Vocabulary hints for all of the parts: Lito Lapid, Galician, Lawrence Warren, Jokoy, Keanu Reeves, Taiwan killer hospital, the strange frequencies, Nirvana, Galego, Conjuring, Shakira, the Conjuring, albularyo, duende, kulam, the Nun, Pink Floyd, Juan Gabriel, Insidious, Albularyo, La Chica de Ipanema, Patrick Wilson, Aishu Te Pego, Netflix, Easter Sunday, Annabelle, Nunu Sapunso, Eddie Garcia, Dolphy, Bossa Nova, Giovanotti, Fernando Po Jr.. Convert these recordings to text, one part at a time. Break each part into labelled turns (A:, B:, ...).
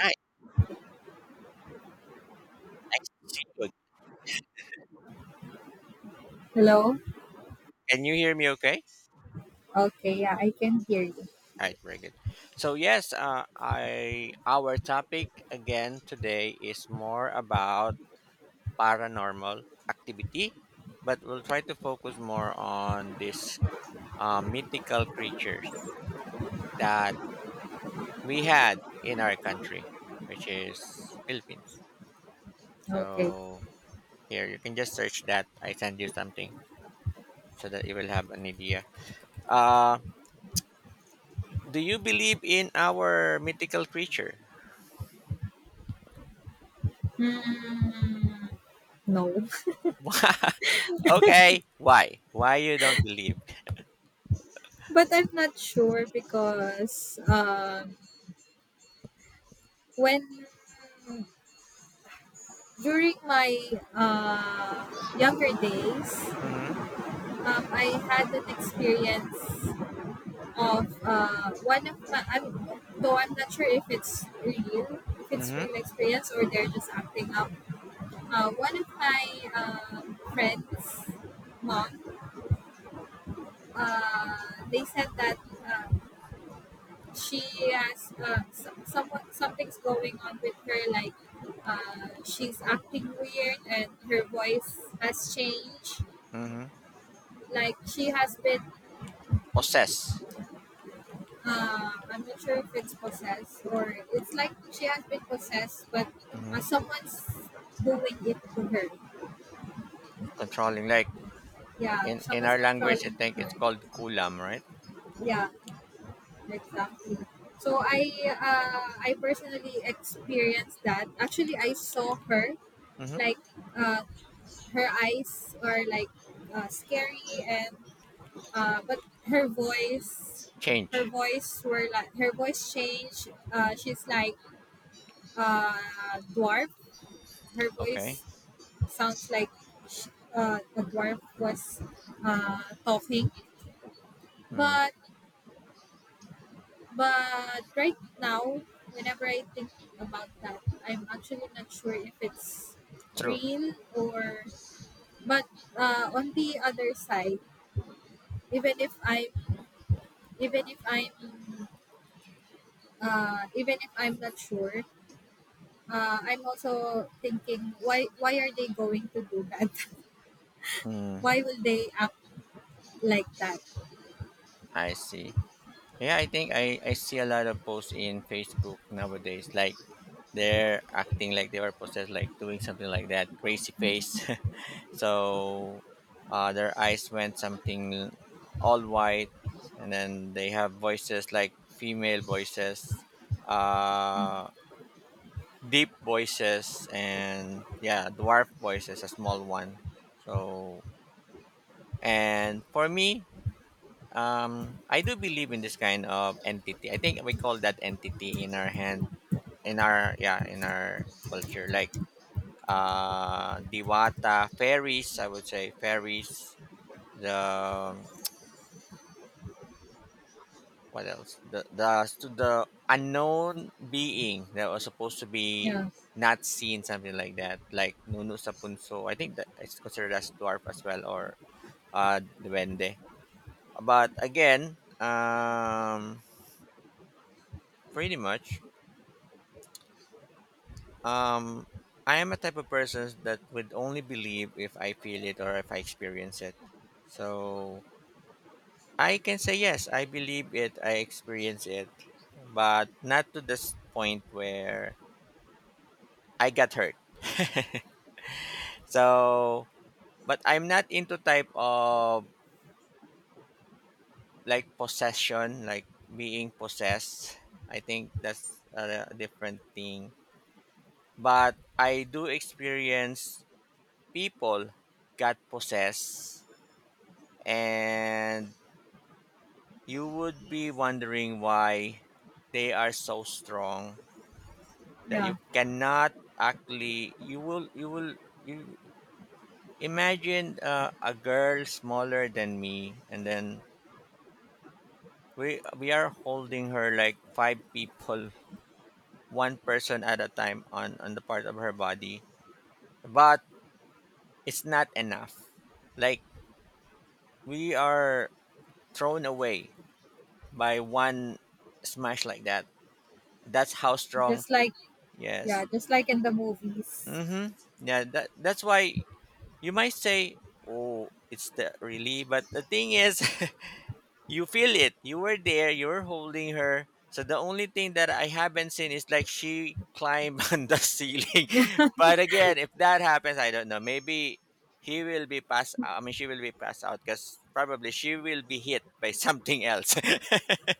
A: Hi, nice to see you.
B: Hello?
A: Can you hear me okay?
B: Okay, yeah, I can hear you.
A: All right, very good. So yes, I our topic again today is more about paranormal activity, but we'll try to focus more on these mythical creatures that we had in our country, which is Philippines.
B: Okay.
A: So here you can just search that. I send you something so that you will have an idea. Uh, do you believe in our mythical creature?
B: Hmm. No.
A: Okay. Why? Why you don't believe?
B: But I'm not sure because when during my uh, younger days,
A: Mm-hmm.
B: I had an experience of one of my, though I'm not sure if it's
A: Mm-hmm.
B: real experience or they're just acting up. One of my uh, friends' mom, uh, they said that uh, she has somewhat something's going on with her, like she's acting weird and her voice has changed,
A: Mm-hmm.
B: like she has been.
A: Possess.
B: I'm not sure if it's possessed or it's like she has been possessed, but
A: Mm-hmm.
B: someone's doing it to her.
A: Controlling. Like
B: Yeah,
A: in
B: someone's
A: our language, I
B: controlling
A: think
B: her.
A: it's called kulam, right?
B: Yeah, exactly. So I, I personally experienced that. Actually, I saw her,
A: Mm-hmm.
B: like uh, her eyes are like scary, and but her voice, her
A: Change.
B: voice were like, her voice changed. She's like dwarf, her
A: Okay.
B: voice sounds like sh the dwarf was talking.
A: Mm-hmm.
B: but but right now, whenever I think about that, I'm actually not sure if it's
A: True.
B: real or. But on the other side, even if I even if I'm even if I'm not sure, I'm also thinking, why are they going to do that?
A: Mm,
B: Why will they act like that?
A: I see. Yeah, I think I see a lot of posts in Facebook nowadays. Like they're acting like they are possessed, like doing something like that, crazy face. So their eyes went something all white, and then they have voices like female voices, uh, deep voices, and yeah, dwarf voices, a small one. So and for me, I do believe in this kind of entity. I think we call that entity in our hand, in our yeah, in our culture, like diwata fairies. I would say fairies. The what else? The to the unknown being that was supposed to be
B: Yeah,
A: not seen, something like that, like Nunu Sapunso. I think that it's considered as dwarf as well, or duende. But again, pretty much, um, I am a type of person that would only believe if I feel it or if I experience it. So I can say yes, I believe it, I experience it, but not to this point where I got hurt. So, but I'm not into type of like possession, like being possessed. I think that's a different thing. But I do experience people got possessed, and you would be wondering why they are so strong that
B: yeah,
A: you cannot actually. You will. You will. You imagine a girl smaller than me, and then we are holding her like 5 people, one person at a time on the part of her body, but it's not enough, like we are thrown away by one smash like that. That's how strong.
B: just like yeah,
A: Yes.
B: just like in the movies.
A: Mm-hmm. Yeah, that's why you might say oh it's the really, but the thing is, you feel it. You were there. You were holding her. So the only thing that I haven't seen is like she climbed on the ceiling. But again, if that happens, I don't know. Maybe he will be passed. I mean, she will be passed out because probably she will be hit by something else.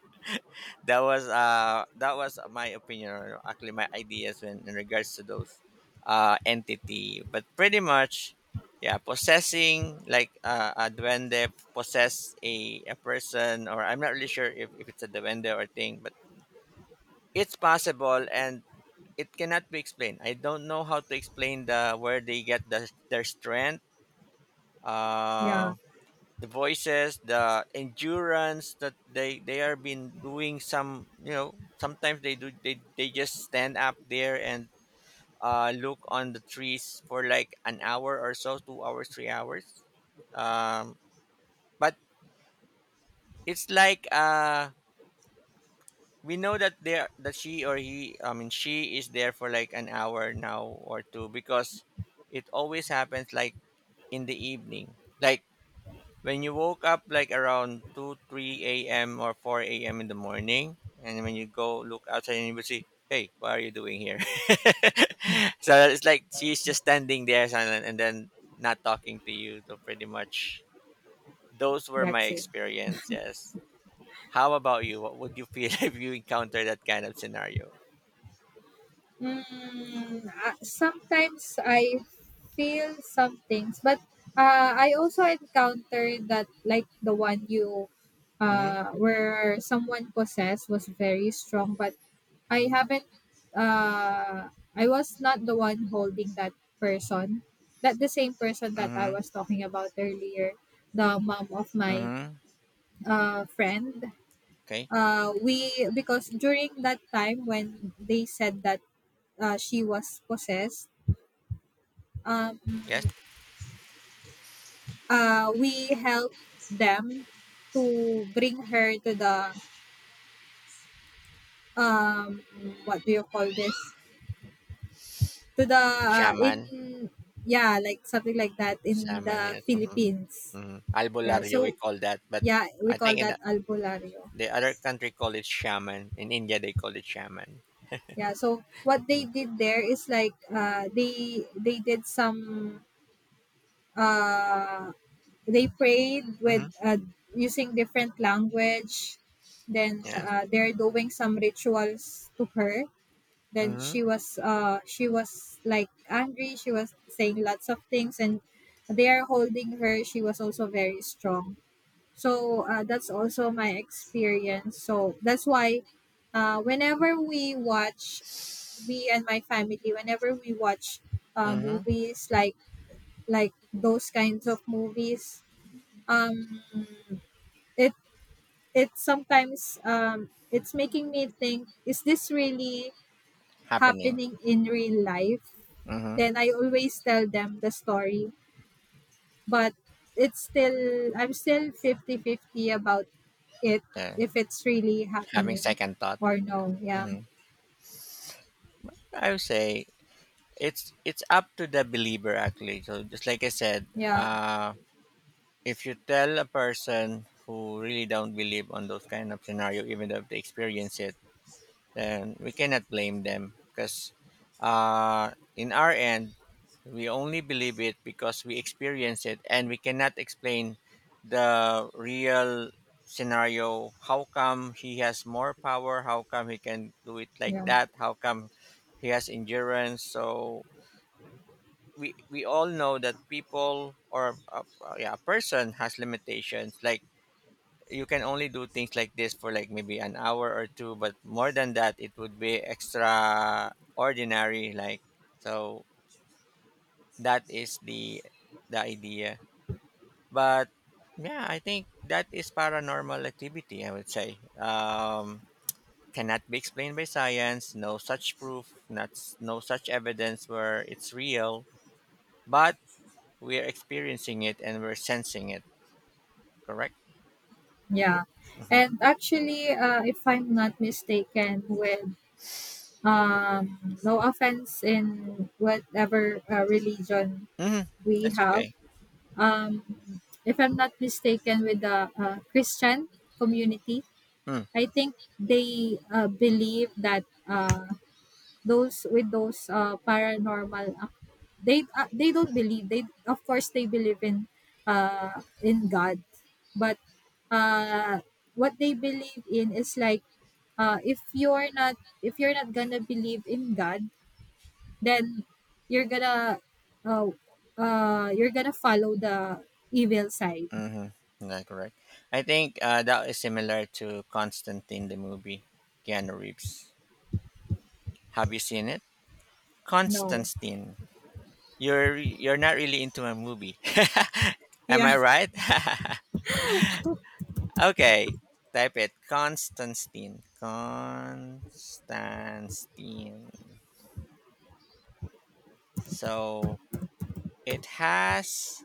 A: That was that was my opinion, or actually my ideas when in regards to those entity, but pretty much, yeah, possessing like a duende possess a person, or I'm not really sure if it's a duende or thing, but it's possible, and it cannot be explained. I don't know how to explain the where they get the, their strength.
B: Yeah,
A: um the voices, the endurance that they are been doing some sometimes they do they just stand up there and look on the trees for like an hour or so, 2 hours, 3 hours. Um, but it's like we know that there that she or he, I mean she is there for like an hour now or two, because it always happens like in the evening. Like when you woke up like around 2, 3 a.m. or 4 a.m. in the morning, and when you go look outside and you will see, hey, what are you doing here? So it's like she's just standing there silent and then not talking to you. So pretty much those were my
B: that's it.
A: experiences. How about you? What would you feel if you encounter that kind of scenario?
B: Mm, sometimes I feel some things, but I also encountered that, like the one you
A: Mm-hmm.
B: where someone possessed was very strong, but I haven't uh I was not the one holding that person. That the same person that I
A: Mm-hmm.
B: was talking about earlier, the mom of my
A: Mm-hmm.
B: friend.
A: Okay.
B: We, because during that time when they said that she was possessed,
A: Yes.
B: um we helped them to bring her to the, um what do you call this, to the,
A: Shaman.
B: in yeah, like something like that in
A: Shaman.
B: the
A: Yes. Mm-hmm.
B: Philippines.
A: Mm-hmm.
B: Yeah,
A: Albularyo, we
B: so
A: call that. But
B: yeah, we
A: I
B: call
A: think in
B: that albularyo.
A: the other country call it shaman. In India, they call it shaman.
B: Yeah, so what they did there is like they did some uh, they prayed with
A: Mm-hmm.
B: using different language. Then
A: Yes.
B: they're doing some rituals to her, then
A: Mm-hmm.
B: she was like angry, she was saying lots of things, and they are holding her, she was also very strong. So that's also my experience, so that's why whenever we watch me and my family, whenever we watch
A: Mm-hmm.
B: movies like those kinds of movies, um it, it sometimes it's making me think, is this really
A: Happening.
B: happening in real life?
A: Mm-hmm.
B: Then I always tell them the story. But it's still, I'm still 50 50 about it,
A: Yeah.
B: if it's really
A: Having
B: happening
A: second thought.
B: or no. Yeah,
A: Mm-hmm. I would say it's up to the believer actually. So just like I said,
B: yeah,
A: if you tell a person who really don't believe on those kind of scenario, even though they experience it, then we cannot blame them because uh, in our end, we only believe it because we experience it, and we cannot explain the real scenario. How come he has more power? How come he can do it like
B: yeah,
A: that? How come he has endurance? So we all know that people or yeah, a person has limitations, like you can only do things like this for like maybe an hour or two, but more than that it would be extraordinary, like, so that is the idea. But yeah, I think that is paranormal activity, I would say. Cannot be explained by science, no such proof, not s- no such evidence where it's real, but we're experiencing it and we're sensing it. Correct.
B: yeah.
A: Hmm.
B: And actually, if I'm not mistaken, with no offense in whatever religion
A: Hmm.
B: we
A: That's
B: have,
A: okay.
B: if I'm not mistaken, with the Christian community,
A: Hmm.
B: I think they believe that those with those paranormal ac- they don't believe, they of course they believe in God. But uh, what they believe in is like if you're not, if you're not gonna believe in God, then you're gonna, uh, you're gonna follow the evil side.
A: Mm-hmm. Yeah, correct. I think that is similar to Constantine the movie, Keanu Reeves. Have you seen it?
B: No.
A: Constantine. You're not really into a movie. Am
B: Yeah.
A: I right? Okay. Type it. Constantine. Constantine. So it has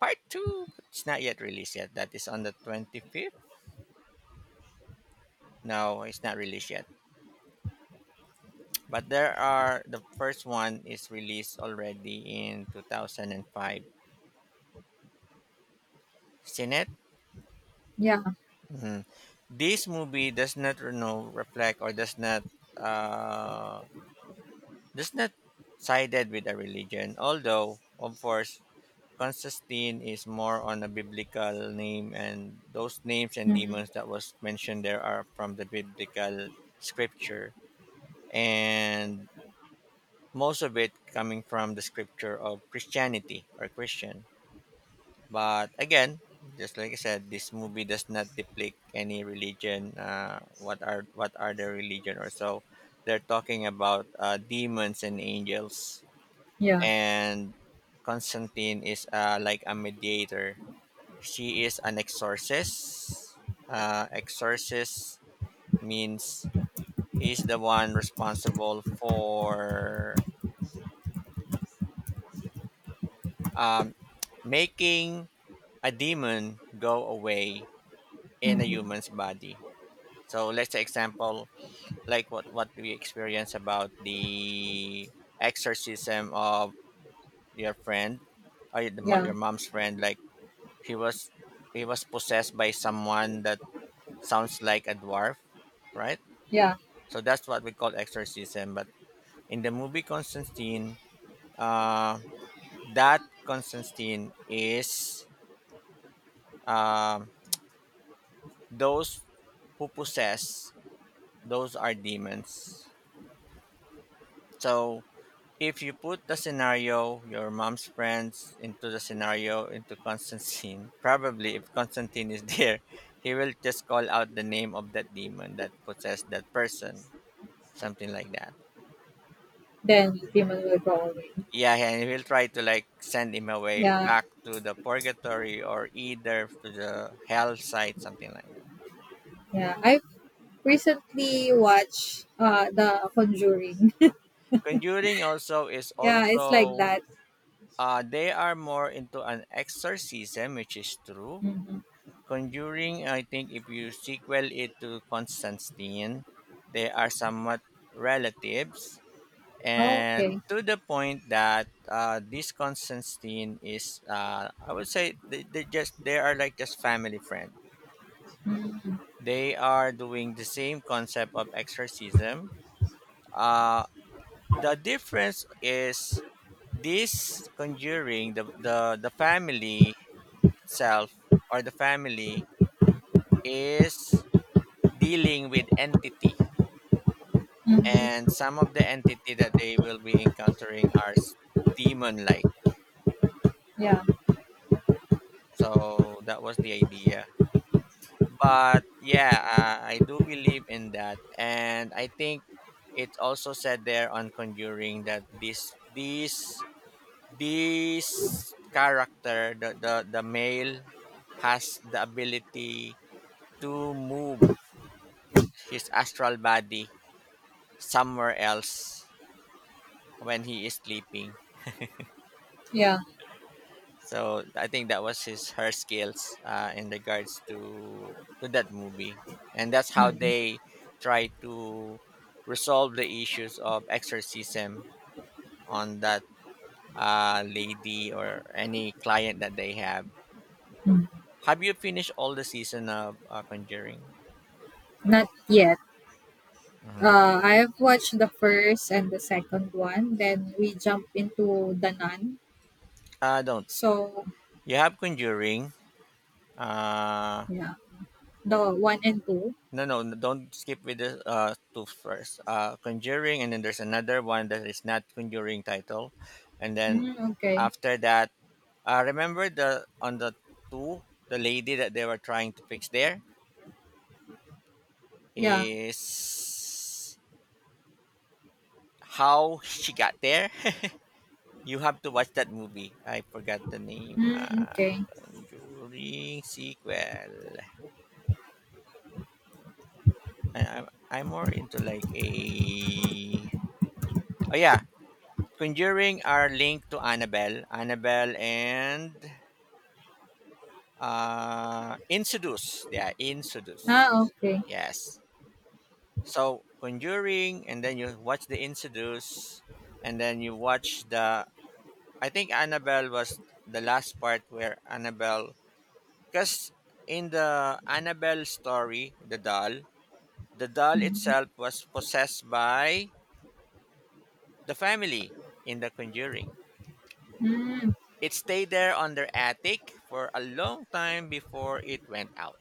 A: part two. It's not yet released yet. That is on the 25th. No, it's not released yet. But there are the first one is released already in 2005. Seen it?
B: Yeah.
A: Mhm. This movie does not, you know, reflect or uh, does not sided with a religion. Although of course Constantine is more on a biblical name, and those names and
B: Hmm.
A: demons that was mentioned there are from the biblical scripture, and most of it coming from the scripture of Christianity or Christian. But again, just like I said, this movie does not depict any religion. What are the religion or so? They're talking about demons and angels,
B: Yeah.
A: and Constantine is like a mediator. She is an exorcist. Exorcist means he's the one responsible for um, making a demon go away in a
B: Hmm.
A: human's body. So let's say example, like what we experience about the exorcism of your friend, or your,
B: Yeah.
A: your mom's friend, like he was he was possessed by someone that sounds like a dwarf, right?
B: Yeah.
A: So that's what we call exorcism, but in the movie Constantine, uh that Constantine is, um those who possess, those are demons. So if you put the scenario, your mom's friends, into the scenario, into Constantine, probably if Constantine is there, he will just call out the name of that demon that possessed that person, something like that.
B: Then the demon will go away.
A: Yeah, and he'll try to like send him away
B: Yeah,
A: back to the purgatory or either to the hell site, something like that.
B: yeah. I recently watched the Conjuring.
A: Conjuring also is
B: Yeah, it's like
A: also,
B: that.
A: they are more into an exorcism, which is true.
B: Hmm.
A: Conjuring, I think if you sequel it to Constantine, they are somewhat relatives,
B: Oh,
A: and
B: okay.
A: to the point that this Constantine is, I would say, they just they are like just family friend. They are doing the same concept of exorcism. Uh, the difference is this conjuring the family itself or the family is dealing with entity,
B: Mm-hmm.
A: and some of the entity that they will be encountering are demon like,
B: Yeah,
A: so that was the idea. But yeah, I do believe in that, and I think it's also said there on conjuring that this character the male has the ability to move his astral body somewhere else when he is sleeping.
B: yeah.
A: So I think that was his her skills in regards to that movie, and that's how they try to resolve the issues of exorcism on that lady or any client that they have. Have you finished all the season of Conjuring?
B: Not yet.
A: Mhm.
B: I have watched the first and the second one. Then we jump into the Nun.
A: Don't.
B: So
A: You have Conjuring. Uh,
B: yeah, the one and two.
A: No, no, don't skip with the two first. Conjuring, and then there's another one that is not Conjuring title, and then
B: Mm, okay.
A: after that, remember the on the two, the lady that they were trying to fix there
B: Yeah.
A: is how she got there. You have to watch that movie. I forgot the name.
B: Mm, okay.
A: Conjuring sequel. I'm more into like a, oh yeah, Conjuring are linked to Annabelle. Annabelle and Insidious. Yeah,
B: Ah,
A: Insidious.
B: okay.
A: Yes. So Conjuring, and then you watch the Insidious, and then you watch the. I think Annabelle was the last part where Annabelle, because in the Annabelle story, the doll
B: Mm-hmm.
A: itself was possessed by the family in the Conjuring.
B: Mm,
A: It stayed there on their attic for a long time before it went out.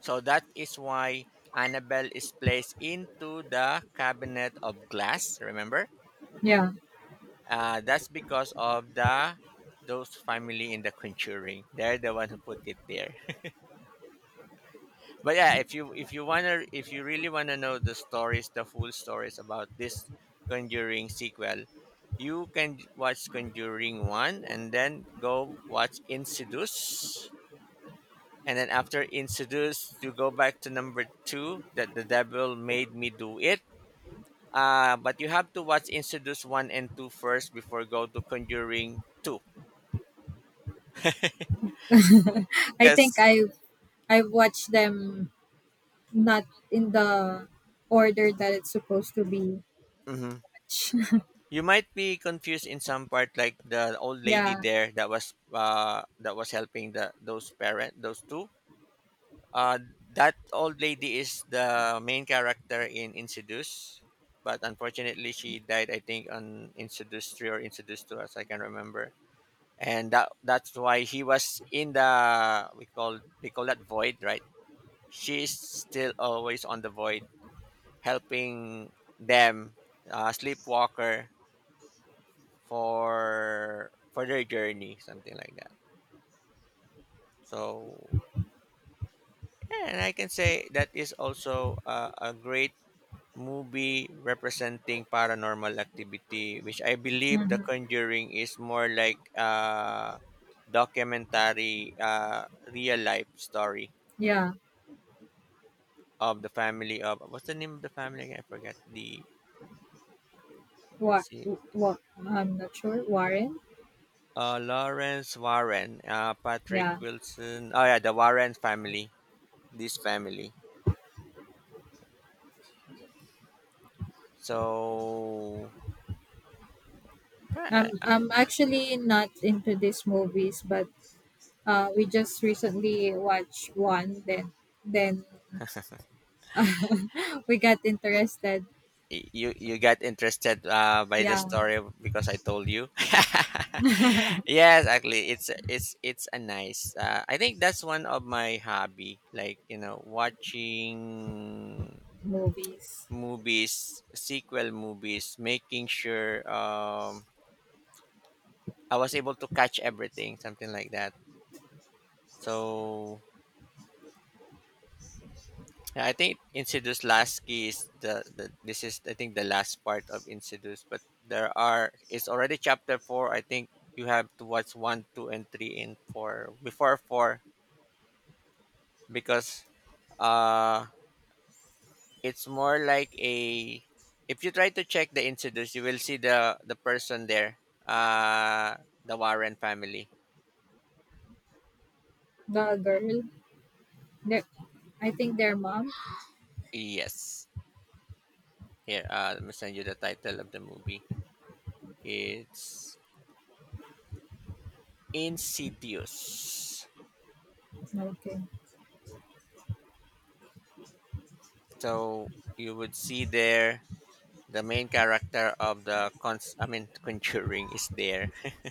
A: So that is why Annabelle is placed into the cabinet of glass. Remember,
B: yeah.
A: that's because of the those family in the Conjuring. They're the one who put it there. If you wanna if you really wanna know the stories, the full stories about this Conjuring sequel, you can watch Conjuring one and then go watch Insidious. And then after introduced, you go back to number two, that the devil made me do it. But you have to watch introduce one and two first before go to conjuring two,
B: I think
A: because
B: I've watched them not in the order that it's supposed to be watched.
A: you might be confused in some part, like the old
B: Yeah.
A: lady there that was helping the those parent those two. Uh, that old lady is the main character in introduce, but unfortunately she died. I think on introduce three or introduce two, as I can remember. And that's why he was in the, we call, they call that void, right? She is still always on the void helping them, sleepwalker, for their journey, something like that. So yeah, and I can say that is also a great movie representing paranormal activity, which I believe the
B: Hmm.
A: Conjuring is more like a documentary, real life story
B: Yeah.
A: of the family. Of what's the name of the family again? I forget. Let's
B: What?
A: see,
B: What? I'm not sure. Warren.
A: Lawrence Warren, Patrick
B: Yeah.
A: Wilson. Oh yeah, the Warren family. This family. So
B: I'm
A: pa-
B: I'm actually not into these movies, but we just recently watched one. Then we got interested.
A: you you got interested by the
B: Yeah.
A: story because I told you. Yes, actually, it's a nice. I think that's one of my hobby. Like you know, watching
B: Movies.
A: movies, sequel movies, making sure I was able to catch everything, something like that. So yeah, I think Insidious last key is the this is I think the last part of Insidious, but there are, it's already chapter four. I think you have to watch one, two, and three in four before four, because uh it's more like a, if you try to check the Insidious, you will see the person there, uh the Warren family.
B: The girl. The, I think their mom.
A: Yes, here, let me send you the title of the movie. It's Insidious.
B: No, okay.
A: So you would see there the main character of the Conjuring is there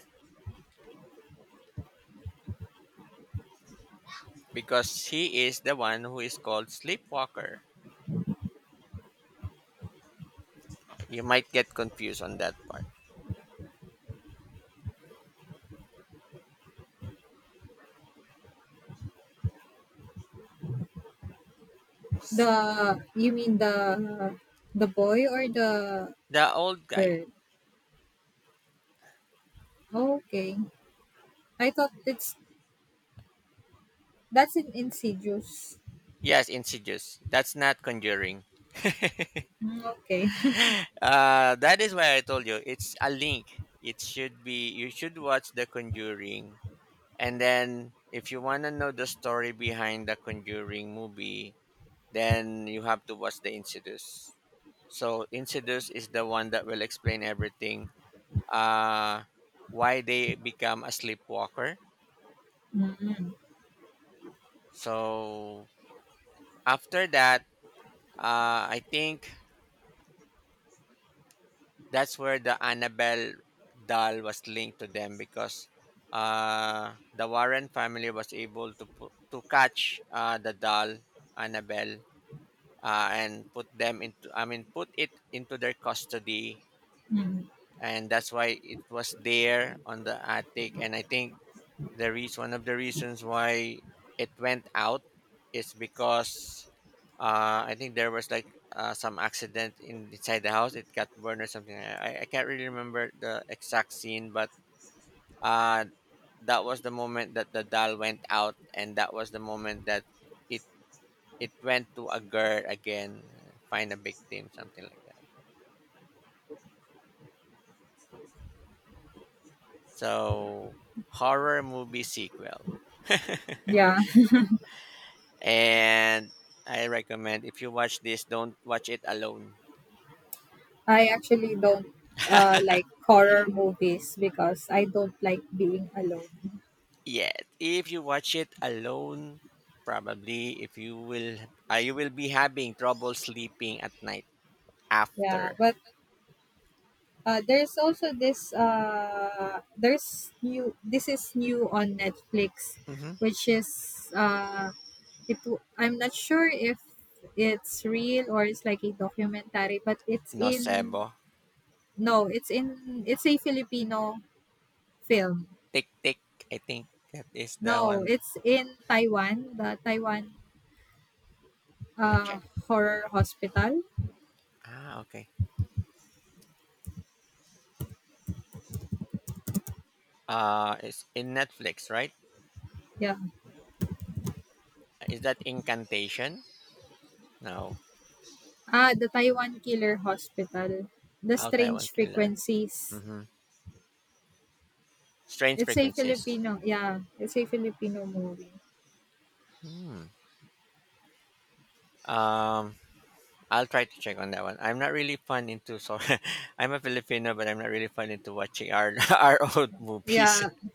A: because he is the one who is called Sleepwalker. You might get confused on that part.
B: The, you mean the boy or the
A: The old guy.
B: girl? Okay. I thought it's that's an insidious.
A: Yes, Insidious. That's not Conjuring.
B: Mm, okay.
A: That is why I told you it's a link. It should be, you should watch The Conjuring, and then if you want to know the story behind the Conjuring movie, then you have to watch the Insidious. So Insidious is the one that will explain everything. Uh, why they become a sleepwalker.
B: Mm,
A: So after that, I think that's where the Annabelle doll was linked to them because the Warren family was able to catch the doll Annabelle, and put them into I mean put it into their custody. And that's why it was there on the attic. And I think the reason, one of the reasons why it went out is because I think there was like some accident inside the house. It got burned or something. I can't really remember the exact scene, but uh, that was the moment that the doll went out, and that was the moment that it it went to a girl again, find a victim, something like that. So horror movie sequel.
B: yeah.
A: And I recommend, if you watch this, don't watch it alone
B: I actually don't like horror movies because I don't like being alone.
A: yet. If you watch it alone, probably if you will, you will be having trouble sleeping at night
B: Yeah,
A: after.
B: but there's also this there's new, this is new on Netflix,
A: hmm
B: which is I'm not sure if it's real or it's like a documentary, but it's in,
A: Nocebo.
B: no it's in, it's a Filipino film.
A: Tick tick. I think that is the
B: No,
A: one.
B: it's in Taiwan, the Taiwan
A: Let me
B: uh
A: check.
B: horror hospital.
A: Ah, okay. It's in Netflix, right?
B: Yeah.
A: Is that Incantation? No.
B: Ah, the Taiwan killer hospital, the
A: Out Taiwan
B: strange
A: Killer.
B: frequencies.
A: Mm-hmm. Strange
B: It's a
A: Frequencies.
B: Filipino, yeah, it's a Filipino movie.
A: Hmm. Um. I'll try to check on that one. I'm not really fun into so. I'm a Filipino, but I'm not really fun into watching our our old movies.
B: Yeah,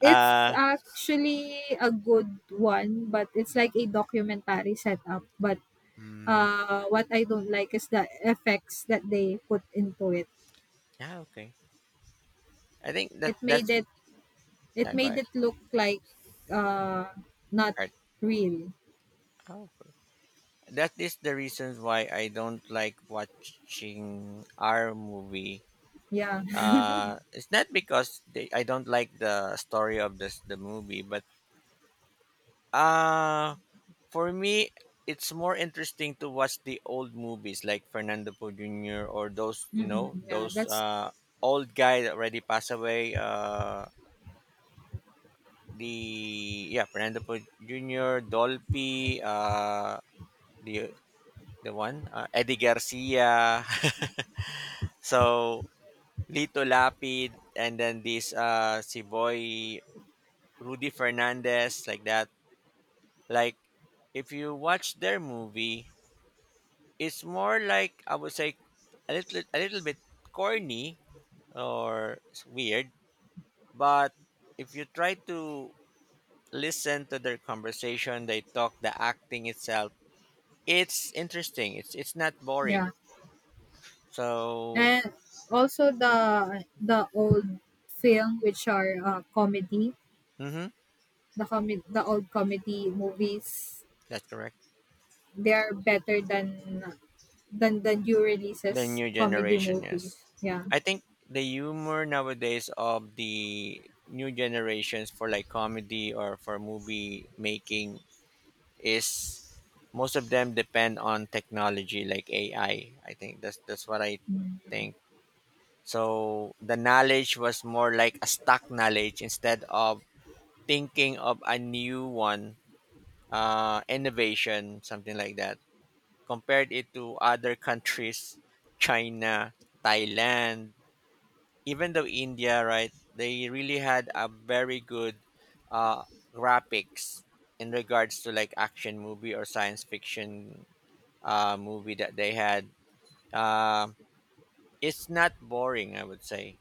B: it's
A: Uh,
B: actually a good one, but it's like a documentary setup, but
A: mm,
B: what I don't like is the effects that they put into it.
A: yeah, okay. I think
B: It
A: that
B: made
A: that's
B: it, it
A: go
B: made
A: ahead.
B: it look like, uh, not
A: All right.
B: real.
A: Oh, okay. That is the reasons why I don't like watching our movie.
B: Yeah.
A: It's not because they, I don't like the story of this the movie, but uh for me, it's more interesting to watch the old movies like Fernando Po Jr. or those, you know,
B: Mm, yeah,
A: those
B: that's
A: old guy that already passed away. The Yeah, Fernando Po Jr., Dolphy, the the one, Eddie Garcia. So Lito Lapid, and then this si Boy Rudy Fernandez, like that. Like if you watch their movie, it's more like, I would say, a little bit corny or it's weird, but if you try to listen to their conversation, they talk, the acting itself, it's interesting. It's not boring.
B: yeah.
A: So
B: And also the old film which are, comedy.
A: mm-hmm,
B: The comi- the old comedy movies,
A: that's correct.
B: they're better than the new
A: The
B: releases
A: new
B: comedy
A: generation,
B: movies.
A: yes.
B: Yeah.
A: I think the humor nowadays of the new generations for like comedy or for movie making is, most of them depend on technology like AI. I think that's what I think. So the knowledge was more like a stock knowledge instead of thinking of a new one, innovation, something like that. Compared it to other countries, China, Thailand, even though India, right? They really had a very good, uh, graphics in regards to like action movie or science fiction movie that they had. Uh, it's not boring, I would say.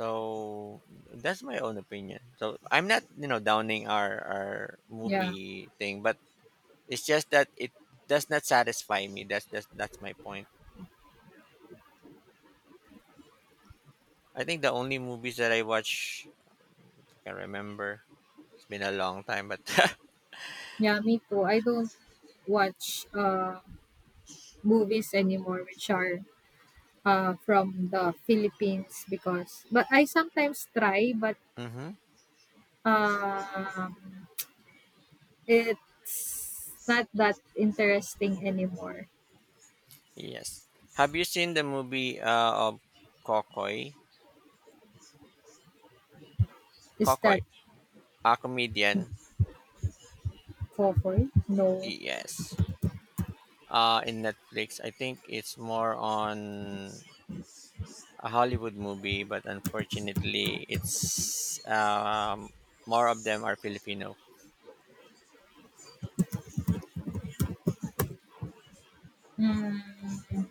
A: So that's my own opinion. So I'm not, you know, downing our
B: Yeah.
A: movie thing, but it's just that it does not satisfy me. That's that's my point. I think the only movies that I watch, I can remember. It's been a long time, but
B: Yeah, me too, I don't watch movies anymore which are from the Philippines because, but I sometimes try. But
A: hmm
B: um it's not that interesting anymore.
A: yes. Have you seen the movie of Kokoy?
B: Is
A: Kokoy,
B: that
A: a comedian.
B: cover? No.
A: Yes. In Netflix. I think it's more on a Hollywood movie, but unfortunately, it's more of them are Filipino.
B: Mm,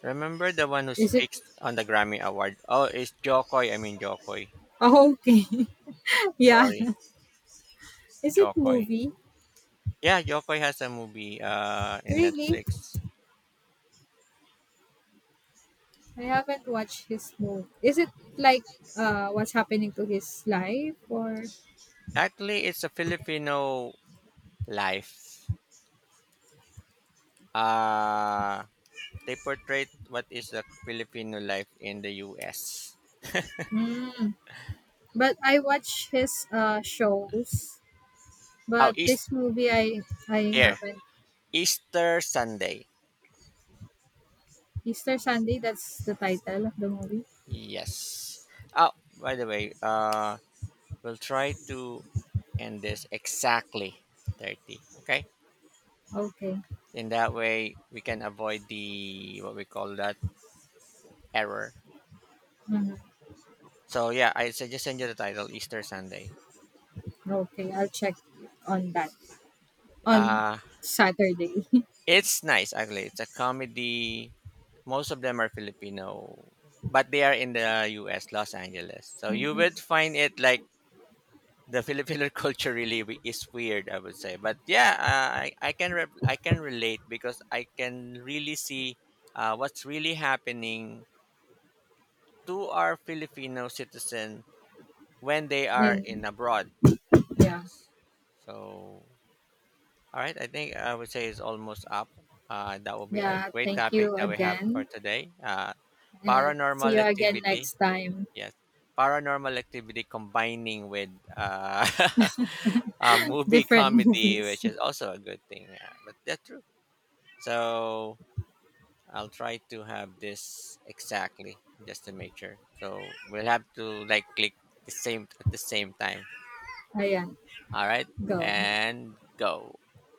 A: Remember the one who
B: is it,
A: speaks on the Grammy Award? Oh, it's Jokoy. I mean Jokoy.
B: oh, okay. Yeah.
A: Sorry,
B: Is it
A: Jokoy.
B: movie?
A: Yeah, Jokoy has a movie in
B: Really?
A: Netflix.
B: I haven't watched his movie. Is it like what's happening to his life or.
A: Actually, it's a Filipino life. Uh they portrayed what is the Filipino life in the US.
B: Mm. But I watch his shows.
A: Oh,
B: But
A: East
B: this movie I
A: here.
B: haven't.
A: Easter Sunday.
B: Easter Sunday, that's the title of the movie.
A: Yes. Oh, by the way, we'll try to end this exactly 30. Okay.
B: Okay.
A: In that way, we can avoid the, what we call that, error.
B: Hmm.
A: So yeah, I suggest send you the title Easter Sunday.
B: Okay, I'll check on that on
A: Uh,
B: Saturday.
A: it's nice actually. It's a comedy. Most of them are Filipino, but they are in the U.S. Los Angeles. So you
B: Mhm.
A: would find it like the Filipino culture really is weird, I would say. But yeah, I can I can relate because I can really see what's really happening to our Filipino citizen when they are
B: And
A: in abroad.
B: yeah.
A: Yes. So all right, I think I would say it's almost up. That will be a
B: Yeah,
A: great
B: thank
A: topic
B: you
A: that we have for
B: again
A: today.
B: and see
A: Paranormal
B: you again
A: activity.
B: next time.
A: Yes. Paranormal activity combining with a movie
B: Different
A: comedy,
B: movies.
A: which is also a good thing. Yeah, but that's true. So I'll try to have this exactly just to make sure. So we'll have to like click the same at the same time.
B: Ayan,
A: All right,
B: go.
A: and go.